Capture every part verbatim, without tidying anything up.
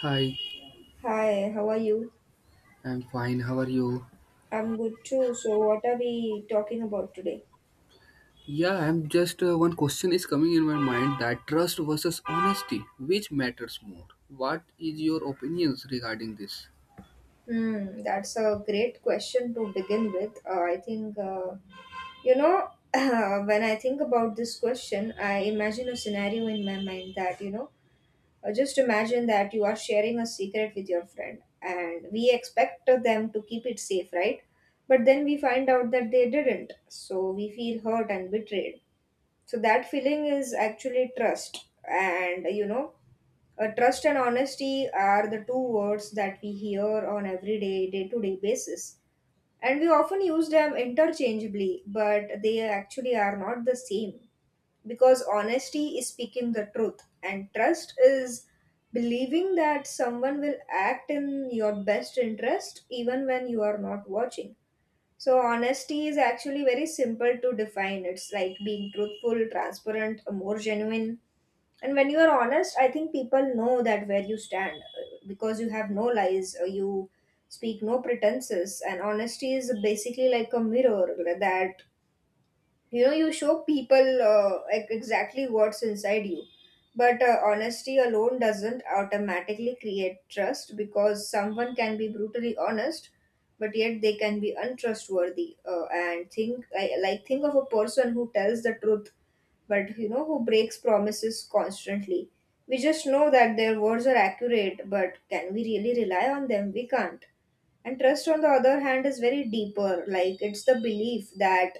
Hi, Hi, how are you? I'm fine. How are you? I'm good too. So, what are we talking about today? Yeah, I'm just uh, one question is coming in my mind that trust versus honesty, which matters more? What is your opinions regarding this? Hmm, that's a great question to begin with. Uh, I think, uh, you know, when I think about this question, I imagine a scenario in my mind that, you know, uh, just imagine that you are sharing a secret with your friend and we expect them to keep it safe, right? But then we find out that they didn't. So, we feel hurt and betrayed. So, that feeling is actually trust. And, you know, Uh, trust and honesty are the two words that we hear on everyday, day to day basis. And we often use them interchangeably, but they actually are not the same. Because honesty is speaking the truth, and trust is believing that someone will act in your best interest even when you are not watching. So, honesty is actually very simple to define. It's like being truthful, transparent, more genuine, and when you are honest, I think people know that where you stand, uh, because you have no lies. Uh, you speak no pretenses, and honesty is basically like a mirror, uh, that you know you show people uh, ex- exactly what's inside you. But uh, honesty alone doesn't automatically create trust because someone can be brutally honest but yet they can be untrustworthy, uh, and think I, like think of a person who tells the truth but you know who breaks promises constantly. We just know that their words are accurate, but can we really rely on them? We can't. And trust, on the other hand, is very deeper. Like it's the belief that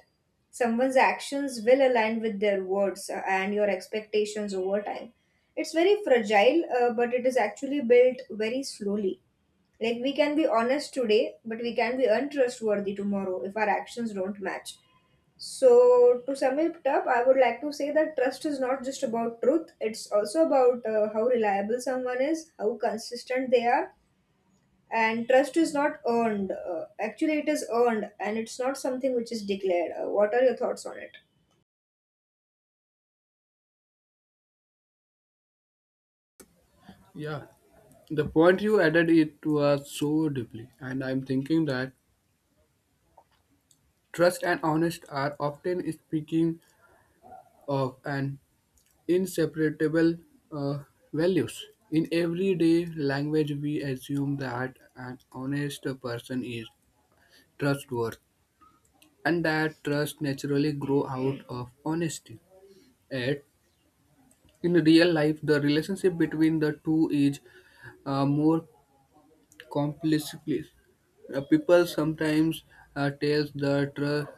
someone's actions will align with their words uh, and your expectations over time. It's very fragile, uh, but it is actually built very slowly. Like we can be honest today but we can be untrustworthy tomorrow if our actions don't match. So to sum it up, I would like to say that trust is not just about truth, it's also about uh, how reliable someone is, how consistent they are. And trust is not earned, uh, actually it is earned, and it's not something which is declared. Uh, what are your thoughts on it? Yeah, the point you added it was so deeply, and I'm thinking that trust and honest are often speaking of an inseparable uh, values. In everyday language, we assume that an honest person is trustworthy, and that trust naturally grow out of honesty. Yet, in real life, the relationship between the two is uh, more complicated. Uh, people sometimes uh, tells the trust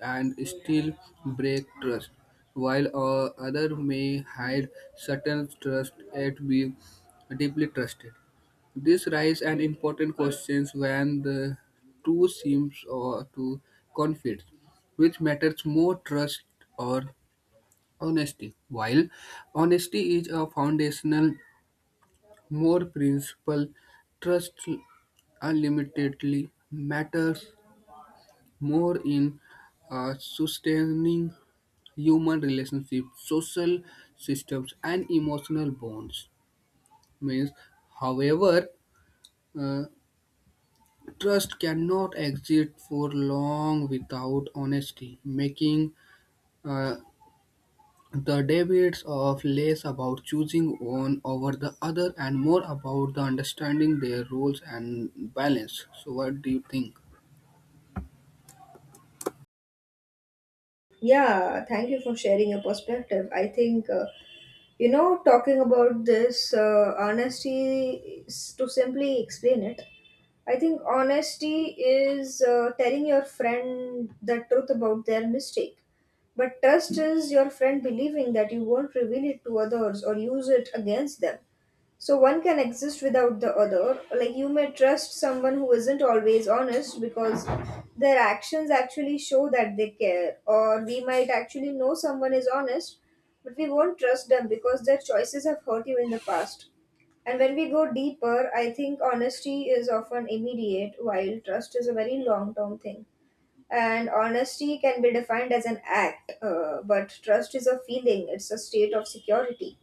and still break trust, while uh, other may hide certain trust yet be deeply trusted. This raises an important question when the two seems or to conflict, which matters more trust or honesty. While honesty is a foundational more principle, trust unlimitedly matters more in uh, sustaining human relationships, social systems, and emotional bonds. Means, however, uh, trust cannot exist for long without honesty, making uh, the debates of less about choosing one over the other and more about the understanding their roles and balance. So, what do you think? Yeah, thank you for sharing your perspective. I think, uh, you know, talking about this uh, honesty, is- to simply explain it, I think honesty is uh, telling your friend the truth about their mistake. But trust is your friend believing that you won't reveal it to others or use it against them. So one can exist without the other. Like you may trust someone who isn't always honest because their actions actually show that they care. Or we might actually know someone is honest, but we won't trust them because their choices have hurt you in the past. And when we go deeper, I think honesty is often immediate, while trust is a very long term thing. And honesty can be defined as an act, uh, but trust is a feeling, it's a state of security.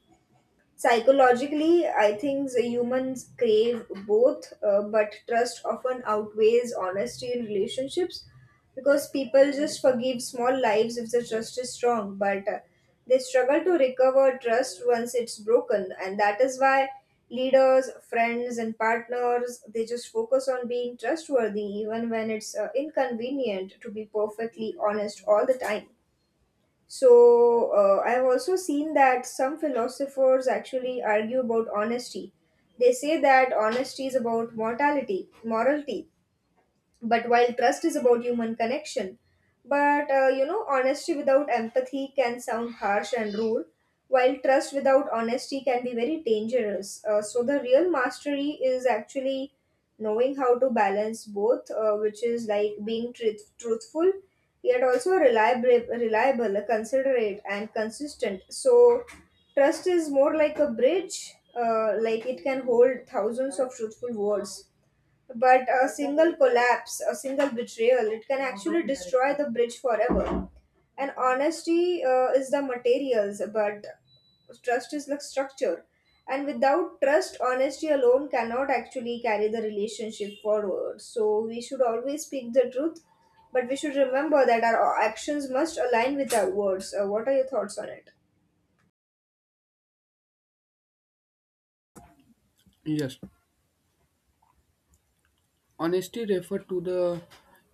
Psychologically, I think the humans crave both, uh, but trust often outweighs honesty in relationships because people just forgive small lies if the trust is strong, but uh, they struggle to recover trust once it's broken, and that is why leaders, friends, and partners, they just focus on being trustworthy even when it's uh, inconvenient to be perfectly honest all the time. So uh, I have also seen that some philosophers actually argue about honesty. They say that honesty is about mortality, morality, but while trust is about human connection. But uh, you know honesty without empathy can sound harsh and rude, while trust without honesty can be very dangerous. Uh, so the real mastery is actually knowing how to balance both, uh, which is like being truth- truthful yet also reliable reliable considerate, and consistent. So trust is more like a bridge. Uh, like it can hold thousands of truthful words, but a single collapse, a single betrayal, it can actually destroy the bridge forever. And honesty uh, is the materials, but trust is the structure. And without trust, honesty alone cannot actually carry the relationship forward. So we should always speak the truth, but we should remember that our actions must align with our words. Uh, what are your thoughts on it? Yes, honesty refers to the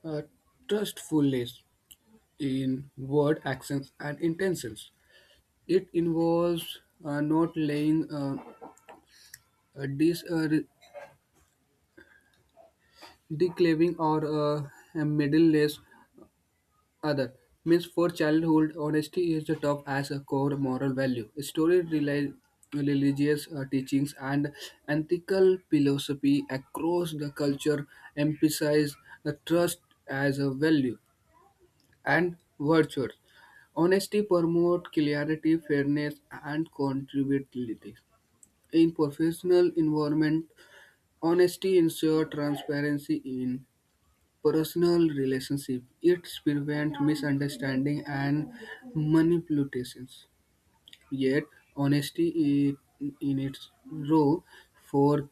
uh, trustfulness in word, actions, and intentions. It involves uh, not laying uh, a dis, uh, re- declaring or uh, a middle list. Other means for childhood, honesty is the top as a core moral value. Story rely religious uh, teachings and ethical philosophy across the culture emphasize the trust as a value and virtue. Honesty promotes clarity, fairness, and contributivity. In professional environment, honesty ensure transparency in personal relationship. It prevents misunderstanding and manipulations. Yet, honesty i- in its raw form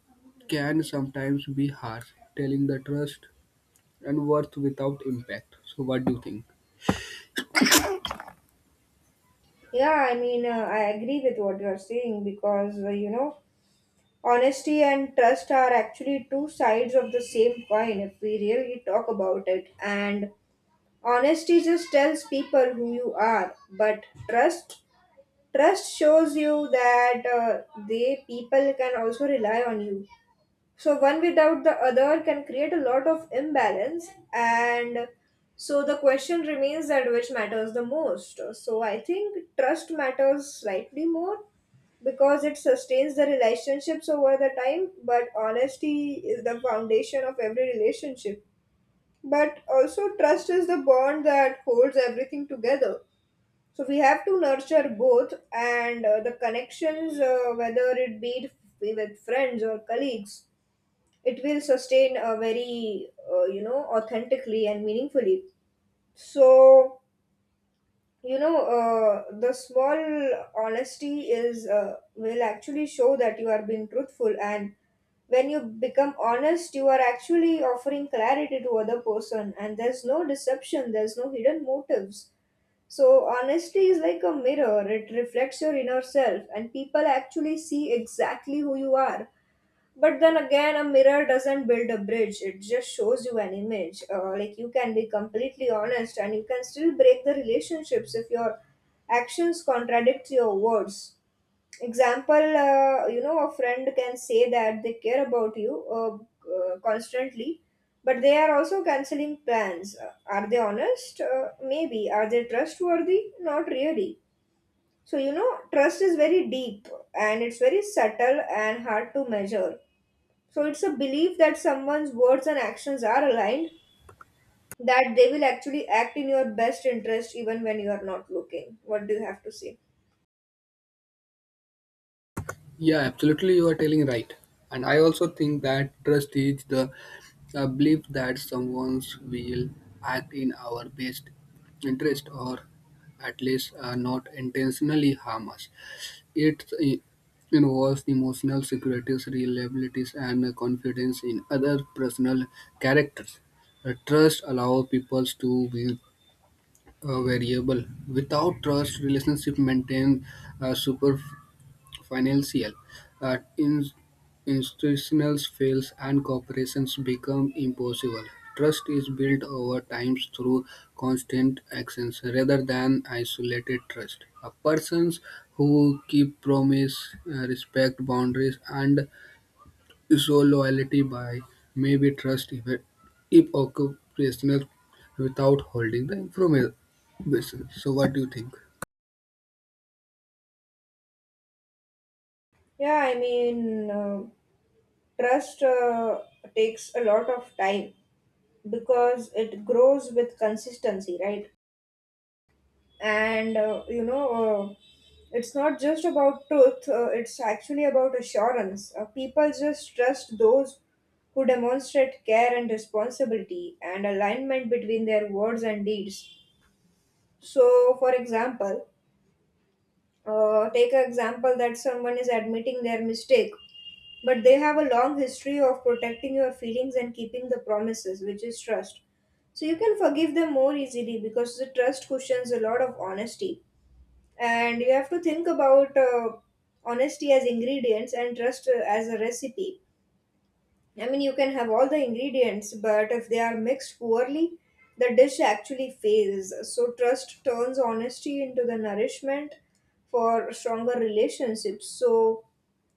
can sometimes be harsh, telling the trust and worth without impact. So, what do you think? Yeah, I mean, uh, I agree with what you are saying because, uh, you know, honesty and trust are actually two sides of the same coin if we really talk about it. And honesty just tells people who you are, but trust trust shows you that uh, they, people can also rely on you. So one without the other can create a lot of imbalance, and so the question remains that which matters the most. So I think trust matters slightly more because it sustains the relationships over the time, but honesty is the foundation of every relationship. But also, trust is the bond that holds everything together. So we have to nurture both and uh, the connections, uh, whether it be with friends or colleagues, it will sustain a very uh, you know authentically and meaningfully. So you know uh, the small honesty is uh, will actually show that you are being truthful, and when you become honest you are actually offering clarity to other person, and there's no deception, there's no hidden motives. So honesty is like a mirror, it reflects your inner self and people actually see exactly who you are. But then again, a mirror doesn't build a bridge, it just shows you an image. Uh, like, you can be completely honest and you can still break the relationships if your actions contradict your words. Example, uh, you know, a friend can say that they care about you uh, uh, constantly, but they are also canceling plans. Uh, are they honest? Uh, maybe. Are they trustworthy? Not really. So, you know, trust is very deep and it's very subtle and hard to measure. So it's a belief that someone's words and actions are aligned, that they will actually act in your best interest even when you are not looking. What do you have to say? Yeah, absolutely, you are telling right. And I also think that trust is the uh, belief that someone will act in our best interest or at least uh, not intentionally harm us. It uh, involves emotional securities, reliabilities, and uh, confidence in other personal characters. Uh, trust allows people to be uh, variable. Without trust, relationship maintain uh, superficial financial uh, in- institutional fails and corporations become impossible. Trust is built over time through constant actions rather than isolated trust. A persons who keep promise, uh, respect boundaries, and show loyalty by may be trust if, if occupational without holding the information. So, what do you think? Yeah, I mean, uh, trust uh, takes a lot of time because it grows with consistency, right? And uh, you know uh, it's not just about truth, uh, it's actually about assurance. Uh, people just trust those who demonstrate care and responsibility and alignment between their words and deeds. So for example, uh, take an example that someone is admitting their mistake but they have a long history of protecting your feelings and keeping the promises, which is trust. So you can forgive them more easily because the trust cushions a lot of honesty. And you have to think about uh, honesty as ingredients and trust uh, as a recipe. I mean you can have all the ingredients, but if they are mixed poorly, the dish actually fails. So trust turns honesty into the nourishment for stronger relationships. So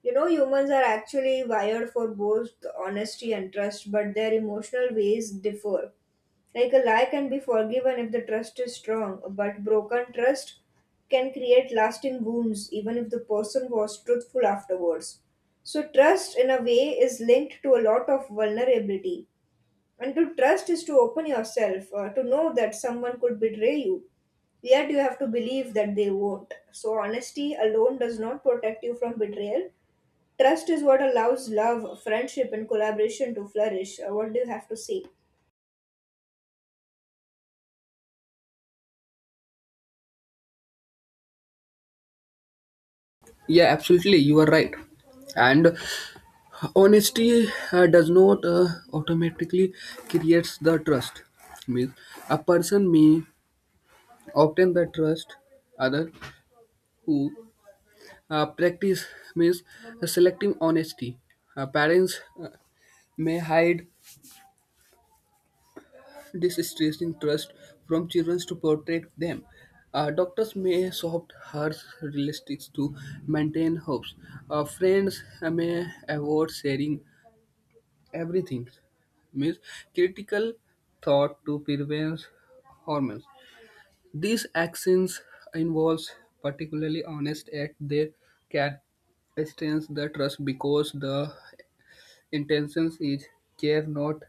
you know humans are actually wired for both honesty and trust, but their emotional ways differ. Like a lie can be forgiven if the trust is strong, but broken trust can create lasting wounds even if the person was truthful afterwards. So, trust in a way is linked to a lot of vulnerability. And to trust is to open yourself, uh, to know that someone could betray you. Yet you have to believe that they won't. So, honesty alone does not protect you from betrayal. Trust is what allows love, friendship, and collaboration to flourish. Uh, what do you have to say? Yeah, absolutely, you are right. And honesty uh, does not uh, automatically creates the trust. Means a person may obtain the trust other who uh, practice means selective honesty. Uh, parents uh, may hide this distressing trust from children to protect them. Uh, doctors may soft harsh realistics to maintain hopes. Uh, friends uh, may avoid sharing everything means critical thought to prevent hormones. These actions involves particularly honest act they can extend the trust because the intentions is care not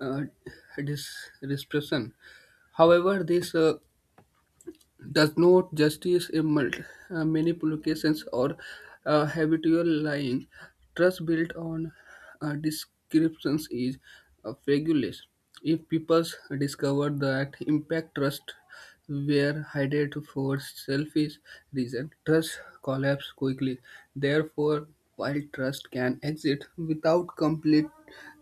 uh, dis- dispersion. However, this uh, does not justice a mul- uh, manipulations or uh, habitual lying. Trust built on uh, descriptions is uh, fabulous. If people discover that impact trust were hidden for selfish reason, trust collapse quickly. Therefore, while trust can exist without complete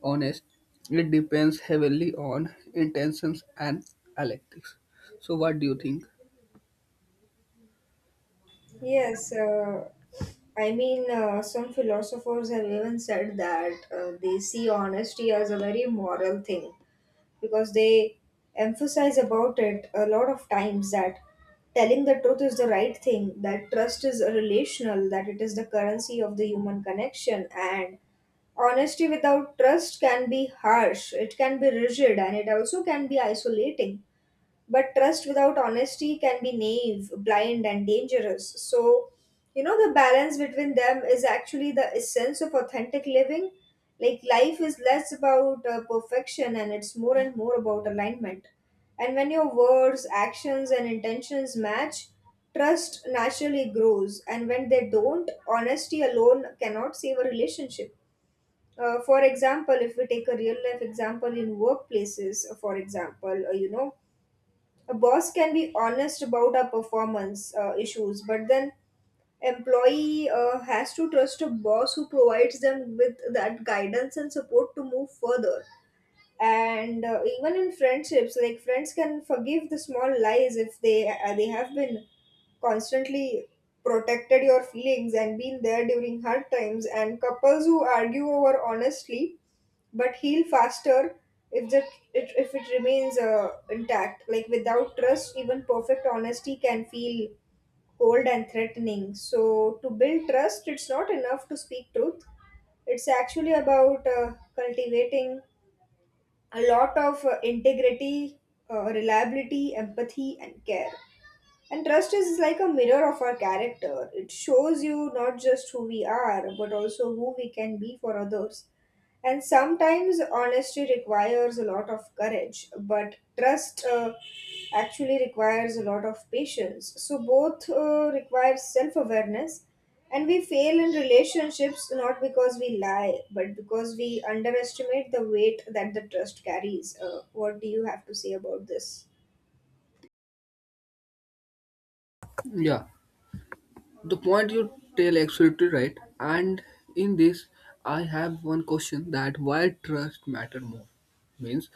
honest, it depends heavily on intentions and electives. So, what do you think? Yes, uh, I mean, uh, some philosophers have even said that uh, they see honesty as a very moral thing because they emphasize about it a lot of times that telling the truth is the right thing, that trust is relational, that it is the currency of the human connection, and honesty without trust can be harsh, it can be rigid, and it also can be isolating. But trust without honesty can be naive, blind, and dangerous. So, you know, the balance between them is actually the essence of authentic living. Like, life is less about uh, perfection and it's more and more about alignment. And when your words, actions, and intentions match, trust naturally grows. And when they don't, honesty alone cannot save a relationship. Uh, for example, if we take a real life example in workplaces, for example, uh, you know, a boss can be honest about our performance uh, issues, but then employee uh, has to trust a boss who provides them with that guidance and support to move further, and uh, even in friendships, like friends can forgive the small lies if they uh, they have been constantly protected your feelings and been there during hard times, and couples who argue over honestly but heal faster if that it, if it remains uh, intact. Like, without trust even perfect honesty can feel cold and threatening. So to build trust, it's not enough to speak truth. It's actually about uh, cultivating a lot of uh, integrity, uh, reliability, empathy, and care. And trust is like a mirror of our character. It shows you not just who we are, but also who we can be for others. And sometimes honesty requires a lot of courage, but trust uh, actually requires a lot of patience. So both uh, require self awareness. And we fail in relationships not because we lie, but because we underestimate the weight that the trust carries. Uh, what do you have to say about this? Yeah, the point you tell absolutely right. And in this, I have one question that why trust matter more means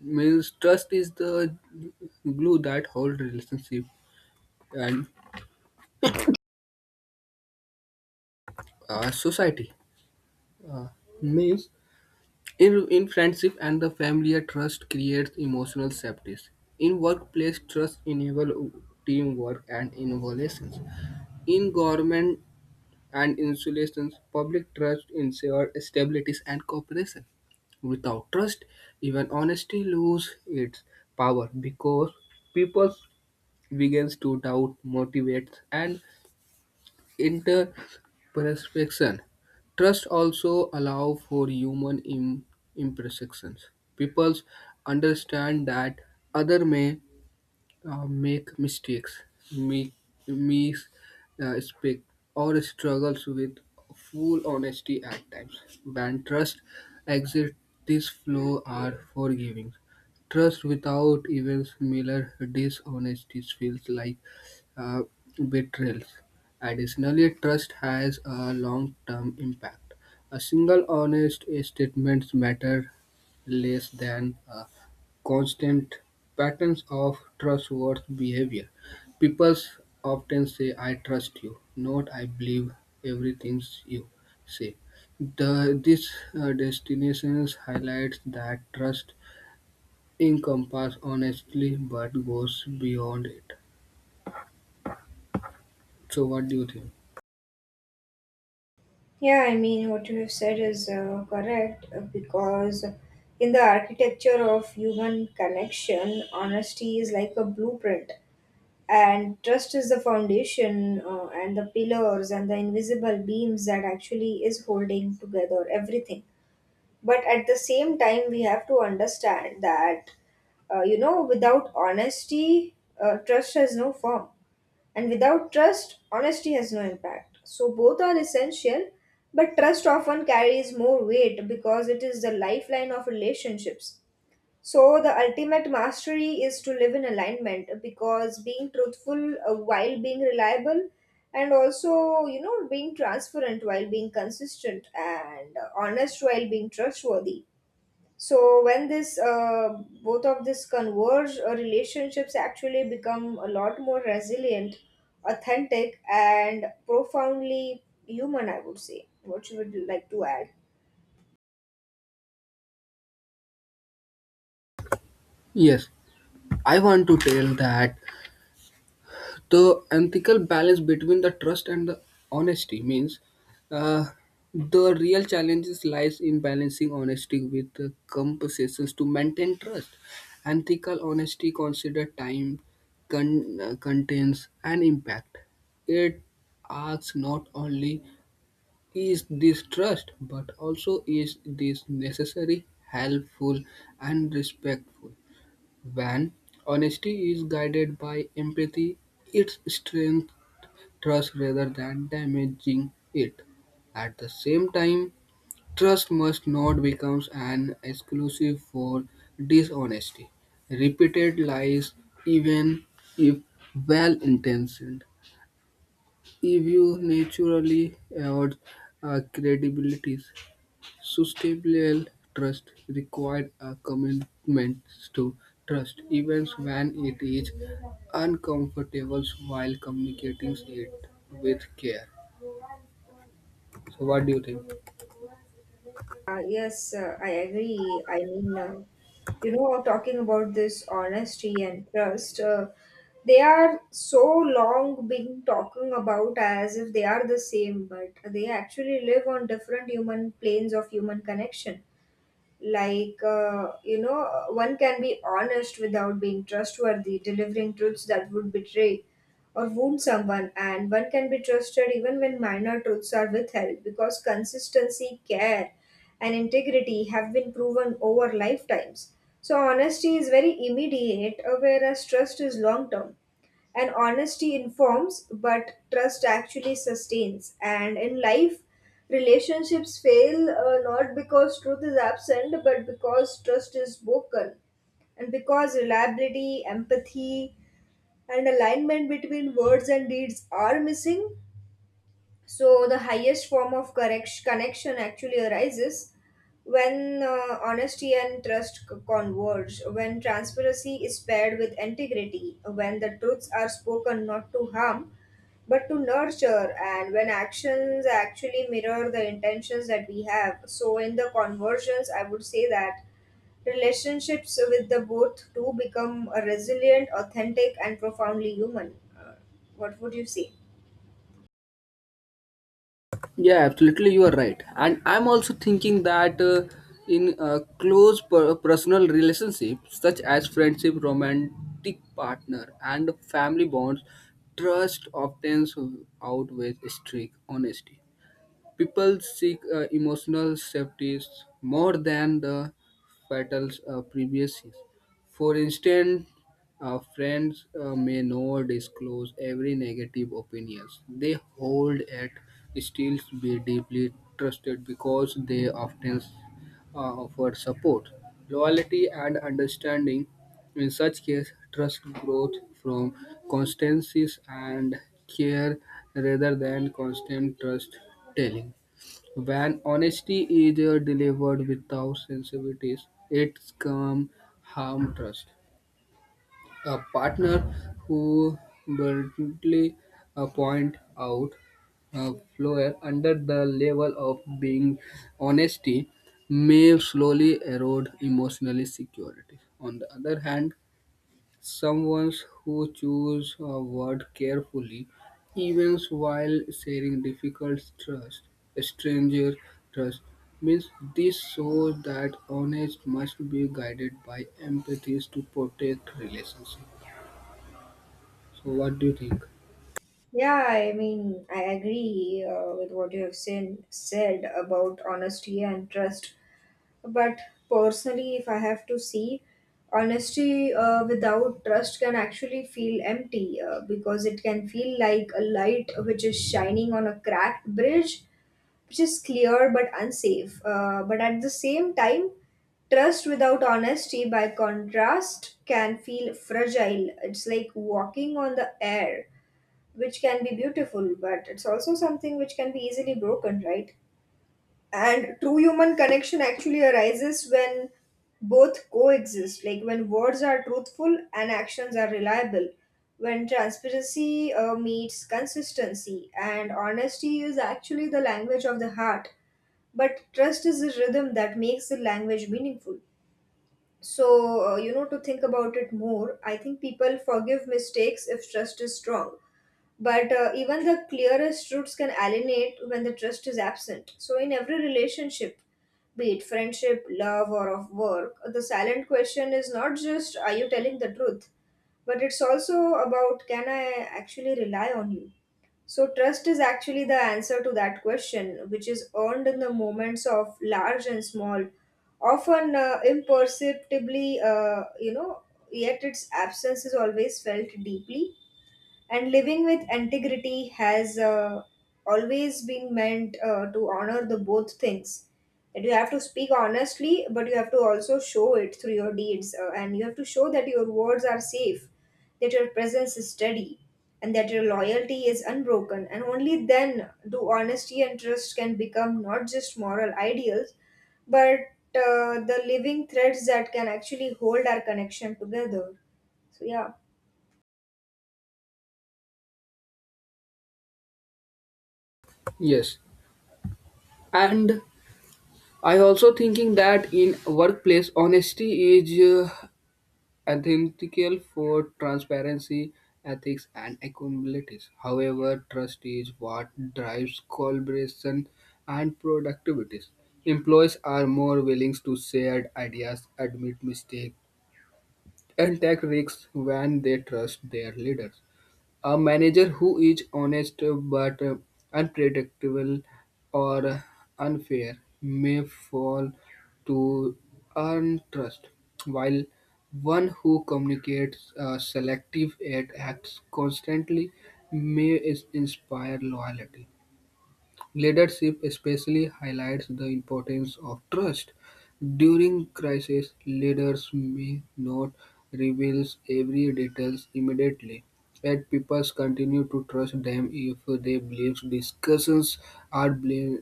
means trust is the glue that hold relationship and uh, society, uh, means in in friendship and the family trust creates emotional safety in workplace trust enable teamwork and innovations in government and insulations, public trust ensures stability and cooperation. Without trust, even honesty loses its power because people begins to doubt, motivates, and interperspection. Trust also allow for human im- imperfections. People understand that other may uh, make mistakes, make mis uh, speak, or struggles with full honesty at times. Band trust, exit, this flow are forgiving. Trust without even similar dishonesties feels like uh, betrayals. Additionally, trust has a long-term impact. A single honest statement matter less than a constant patterns of trustworthy behavior. People often say, I trust you, not I believe everything you say. The, this uh, destination highlights that trust encompasses honestly but goes beyond it. So, what do you think? Yeah, I mean, what you have said is uh, correct uh, because in the architecture of human connection, honesty is like a blueprint, and trust is the foundation uh, and the pillars and the invisible beams that actually is holding together everything. But at the same time, we have to understand that, uh, you know, without honesty, uh, trust has no form, and without trust, honesty has no impact. So both are essential, but trust often carries more weight because it is the lifeline of relationships. So the ultimate mastery is to live in alignment, because being truthful uh, while being reliable, and also, you know, being transparent while being consistent, and uh, honest while being trustworthy. So when this uh, both of this converge, uh, relationships actually become a lot more resilient, authentic, and profoundly human, I would say. What you would like to add? Yes, I want to tell that the ethical balance between the trust and the honesty means uh, the real challenges lies in balancing honesty with uh, compensations to maintain trust. Ethical honesty consider time con- uh, contents and impact. It asks not only is this trust but also is this necessary helpful and respectful. When honesty is guided by empathy, it strengthens trust rather than damaging it. At the same time, trust must not become an exclusive for dishonesty. Repeated lies, even if well intentioned, if you naturally erode uh, credibility. Sustainable trust requires a commitment to trust, even when it is uncomfortable while communicating it with care. So what do you think? Uh, yes, uh, I agree. I mean, uh, you know, talking about this honesty and trust, uh, they are so long been talking about as if they are the same, but they actually live on different human planes of human connection. Like, uh, you know one can be honest without being trustworthy, delivering truths that would betray or wound someone, and one can be trusted even when minor truths are withheld because consistency, care, and integrity have been proven over lifetimes. So honesty is very immediate, uh, whereas trust is long term, and honesty informs, but trust actually sustains. And in life, relationships fail uh, not because truth is absent, but because trust is broken. And because reliability, empathy, and alignment between words and deeds are missing, so the highest form of correct connection actually arises when uh, honesty and trust c- converge, when transparency is paired with integrity, when the truths are spoken not to harm but to nurture, and when actions actually mirror the intentions that we have. So in the conversions, I would say that relationships with the both two become uh, resilient, authentic, and profoundly human. Uh, what would you say? Yeah, absolutely, you are right. And I'm also thinking that uh, in uh, close per- personal relationships, such as friendship, romantic partner, and family bonds, trust often outweighs strict honesty. People seek uh, emotional safety more than the fatal uh, privacy. For instance, uh, friends uh, may not disclose every negative opinions they hold at still be deeply trusted because they often uh, offer support, loyalty, and understanding. In such case, trust growth from constancies and care rather than constant trust telling. When honesty is uh, delivered without sensitivities, it can harm trust. A partner who bluntly uh, point out a flaw under the level of being honesty may slowly erode emotional security. On the other hand, someone who chooses a word carefully, even while sharing difficult trust, stranger trust, means this shows that honest must be guided by empathy to protect relationship. So what do you think? Yeah, I mean, I agree uh, with what you have seen, said about honesty and trust. But personally, if I have to see, honesty uh, without trust can actually feel empty, uh, because it can feel like a light which is shining on a cracked bridge, which is clear but unsafe. Uh, but at the same time, trust without honesty, by contrast, can feel fragile. It's like walking on the air, which can be beautiful, but it's also something which can be easily broken, right? And true human connection actually arises when both coexist, like when words are truthful and actions are reliable, when transparency uh, meets consistency, and honesty is actually the language of the heart, but trust is a rhythm that makes the language meaningful. So, uh, you know to think about it more, I think people forgive mistakes if trust is strong, but uh, even the clearest roots can alienate when the trust is absent. So, in every relationship, be it friendship, love, or of work, the silent question is not just, are you telling the truth, but it's also about, can I actually rely on you? So, trust is actually the answer to that question, which is earned in the moments of large and small, often uh, imperceptibly, uh, you know, yet its absence is always felt deeply, and living with integrity has uh, always been meant uh, to honor the both things, that you have to speak honestly but you have to also show it through your deeds, uh, and you have to show that your words are safe, that your presence is steady, and that your loyalty is unbroken. And only then do honesty and trust can become not just moral ideals, but uh, the living threads that can actually hold our connection together. So yeah. Yes, and I also thinking that in workplace honesty is Uh, ethical for transparency, ethics, and accountability. However, trust is what drives collaboration and productivity. Employees are more willing to share ideas, admit mistakes, and take risks when they trust their leaders. A manager who is honest uh, but uh, unpredictable or uh, unfair may fall to earn trust, while one who communicates uh, selective and acts constantly may is- inspire loyalty. Leadership especially highlights the importance of trust. During crises, leaders may not reveal every detail immediately, yet people continue to trust them if they believe discussions are bl-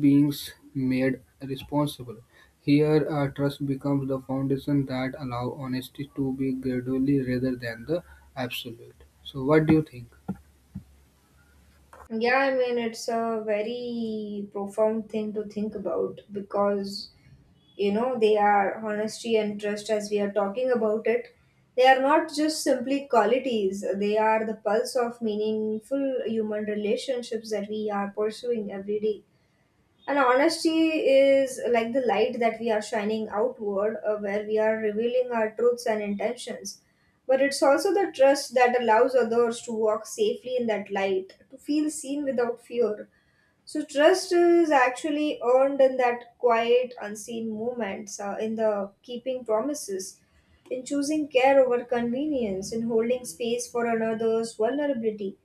being made responsible. Here, our trust becomes the foundation that allows honesty to be gradually rather than the absolute. So, what do you think? Yeah, I mean, it's a very profound thing to think about because, you know, they are honesty and trust, as we are talking about it. They are not just simply qualities, they are the pulse of meaningful human relationships that we are pursuing every day. And honesty is like the light that we are shining outward, uh, where we are revealing our truths and intentions. But it's also the trust that allows others to walk safely in that light, to feel seen without fear. So, trust is actually earned in that quiet, unseen moments, uh, in the keeping promises, in choosing care over convenience, in holding space for another's vulnerability.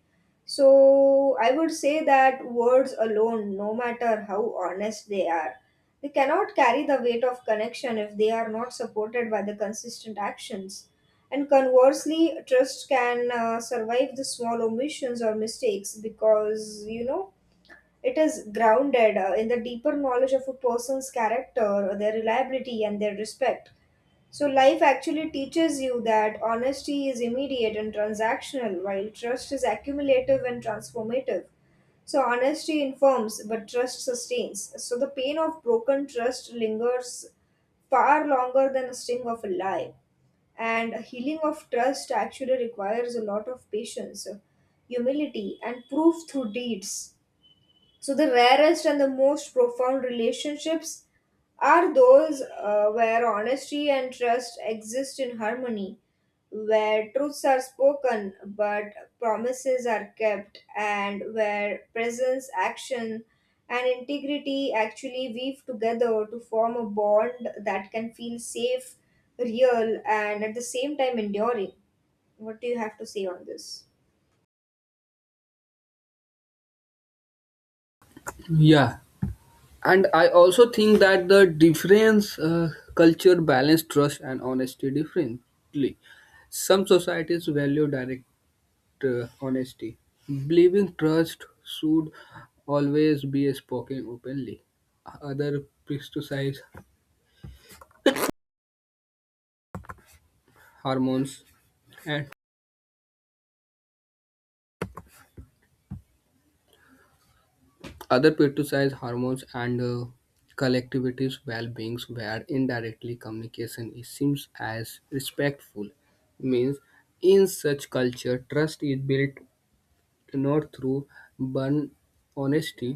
So I would say that words alone, no matter how honest they are, they cannot carry the weight of connection if they are not supported by the consistent actions. And conversely, trust can uh, survive the small omissions or mistakes because, you know, it is grounded uh, in the deeper knowledge of a person's character, their reliability, and their respect. So, life actually teaches you that honesty is immediate and transactional, while trust is accumulative and transformative. So, honesty informs, but trust sustains. So, the pain of broken trust lingers far longer than the sting of a lie, and healing of trust actually requires a lot of patience, humility, and proof through deeds. So, the rarest and the most profound relationships are those uh, where honesty and trust exist in harmony, where truths are spoken but promises are kept, and where presence, action, and integrity actually weave together to form a bond that can feel safe, real, and at the same time enduring. What do you have to say on this? Yeah, and I also think that the difference uh, culture balance trust and honesty differently. Some societies value direct uh, honesty believing trust should always be spoken openly. other criticize hormones and Other criticize hormones and uh, collectivities well-beings where indirectly communication is seems as respectful. Means in such culture trust is built not through blunt honesty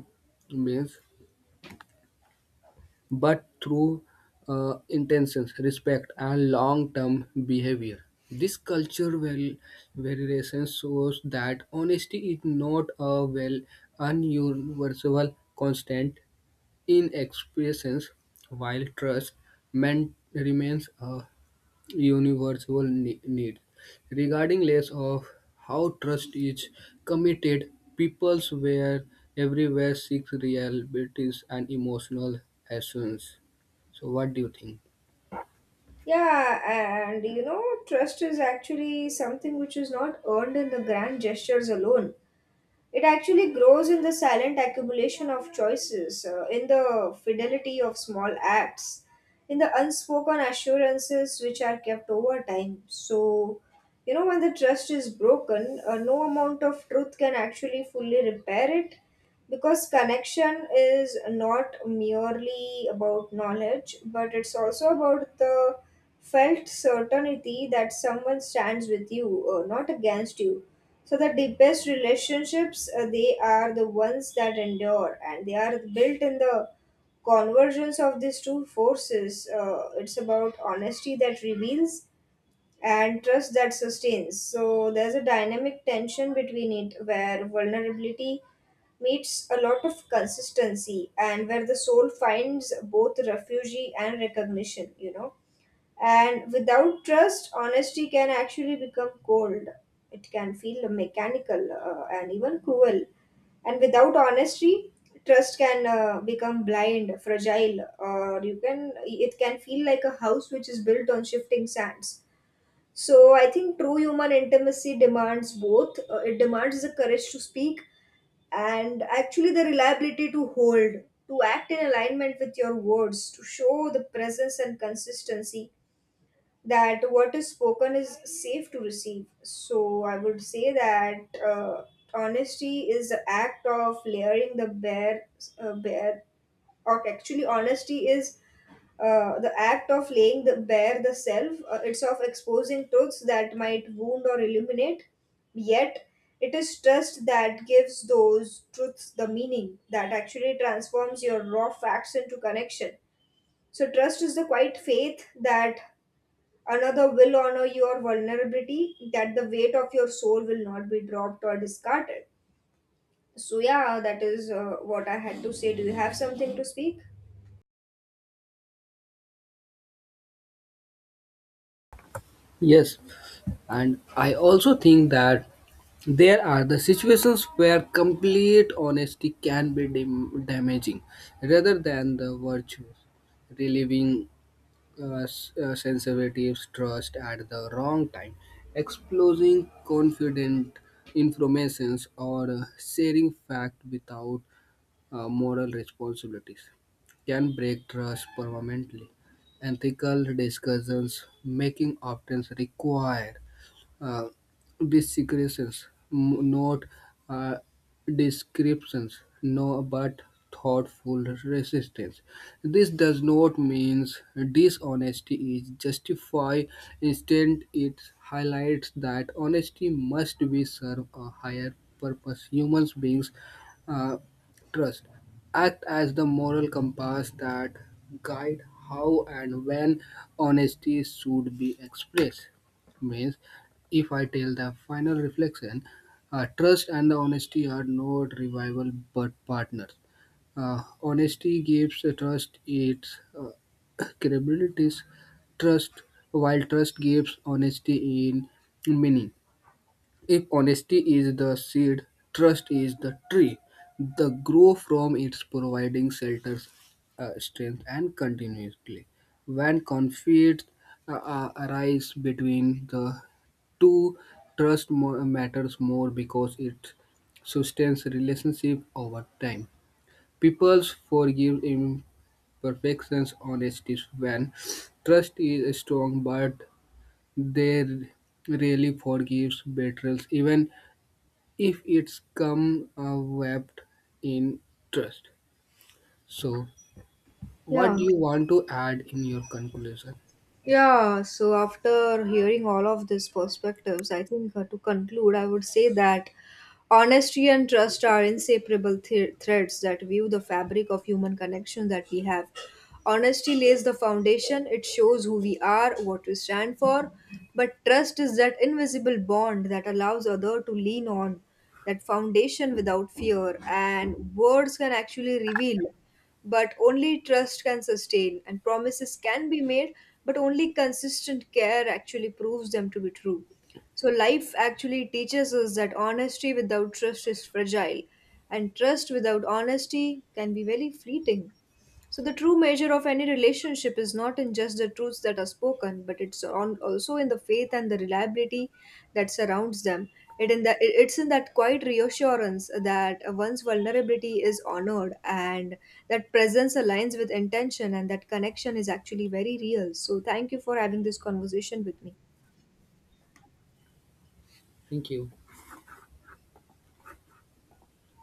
means, but through uh, intentions, respect, and long-term behavior. This culture well variation shows that honesty is not a well ununiversal constant in expressions, while trust man remains a universal ne- need. Regarding less of how trust is committed, peoples were everywhere seek realities and emotional essence. So what do you think? Yeah, and you know, trust is actually something which is not earned in the grand gestures alone. It actually grows in the silent accumulation of choices, uh, in the fidelity of small acts, in the unspoken assurances which are kept over time. So, you know, when the trust is broken, uh, no amount of truth can actually fully repair it, because connection is not merely about knowledge, but it's also about the felt certainty that someone stands with you, uh, not against you. So the deepest relationships, uh, they are the ones that endure, and they are built in the convergence of these two forces. Uh, it's about honesty that reveals and trust that sustains. So there's a dynamic tension between it, where vulnerability meets a lot of consistency and where the soul finds both refuge and recognition, you know. And without trust, honesty can actually become cold. It can feel mechanical uh, and even cruel. And without honesty, trust can uh, become blind, fragile, or you can, it can feel like a house which is built on shifting sands. So I think true human intimacy demands both. Uh, it demands the courage to speak and actually the reliability to hold, to act in alignment with your words, to show the presence and consistency that what is spoken is safe to receive. So I would say that uh, honesty is the act of layering the bare, uh, bare, or actually, honesty is uh, the act of laying the bare the self. Uh, it's of exposing truths that might wound or illuminate. Yet, it is trust that gives those truths the meaning that actually transforms your raw facts into connection. So, trust is the quiet faith that another will honor your vulnerability, that the weight of your soul will not be dropped or discarded. So, yeah, that is uh, what I had to say. Do you have something to speak? Yes, and I also think that there are the situations where complete honesty can be dam- damaging rather than the virtues. Relieving uh, s- uh, sensitives trust at the wrong time, exposing confident informations or uh, sharing fact without uh, moral responsibilities can break trust permanently. Ethical discussions making often require uh, descriptions, m- not uh, descriptions, no, but thoughtful resistance. This does not mean dishonesty is justified. Instead, it highlights that honesty must be serve a higher purpose. Humans beings uh, trust act as the moral compass that guide how and when honesty should be expressed. Means if I tell the final reflection, uh, trust and the honesty are not rival but partners. Uh, honesty gives the trust its uh, credibilities, trust while trust gives honesty in meaning. If honesty is the seed, trust is the tree. The grow from its providing shelters, uh, strength, and continuously. When conflict uh, uh, arise between the two, trust more, matters more because it sustains relationship over time. People forgive imperfections, honesties when trust is strong, but they rarely forgive betrayals, even if it's come uh, wrapped in trust. So, what Yeah. do you want to add in your conclusion? Yeah, so after hearing all of these perspectives, I think, uh, to conclude, I would say that honesty and trust are inseparable th- threads that weave the fabric of human connection that we have. Honesty lays the foundation, it shows who we are, what we stand for, but trust is that invisible bond that allows other to lean on that foundation without fear. And words can actually reveal, but only trust can sustain, and promises can be made, but only consistent care actually proves them to be true. So life actually teaches us that honesty without trust is fragile, and trust without honesty can be very fleeting. So, the true measure of any relationship is not in just the truths that are spoken, but it's on also in the faith and the reliability that surrounds them. It in the, it- it's in that quiet reassurance that one's vulnerability is honored, and that presence aligns with intention, and that connection is actually very real. So, thank you for having this conversation with me. Thank you.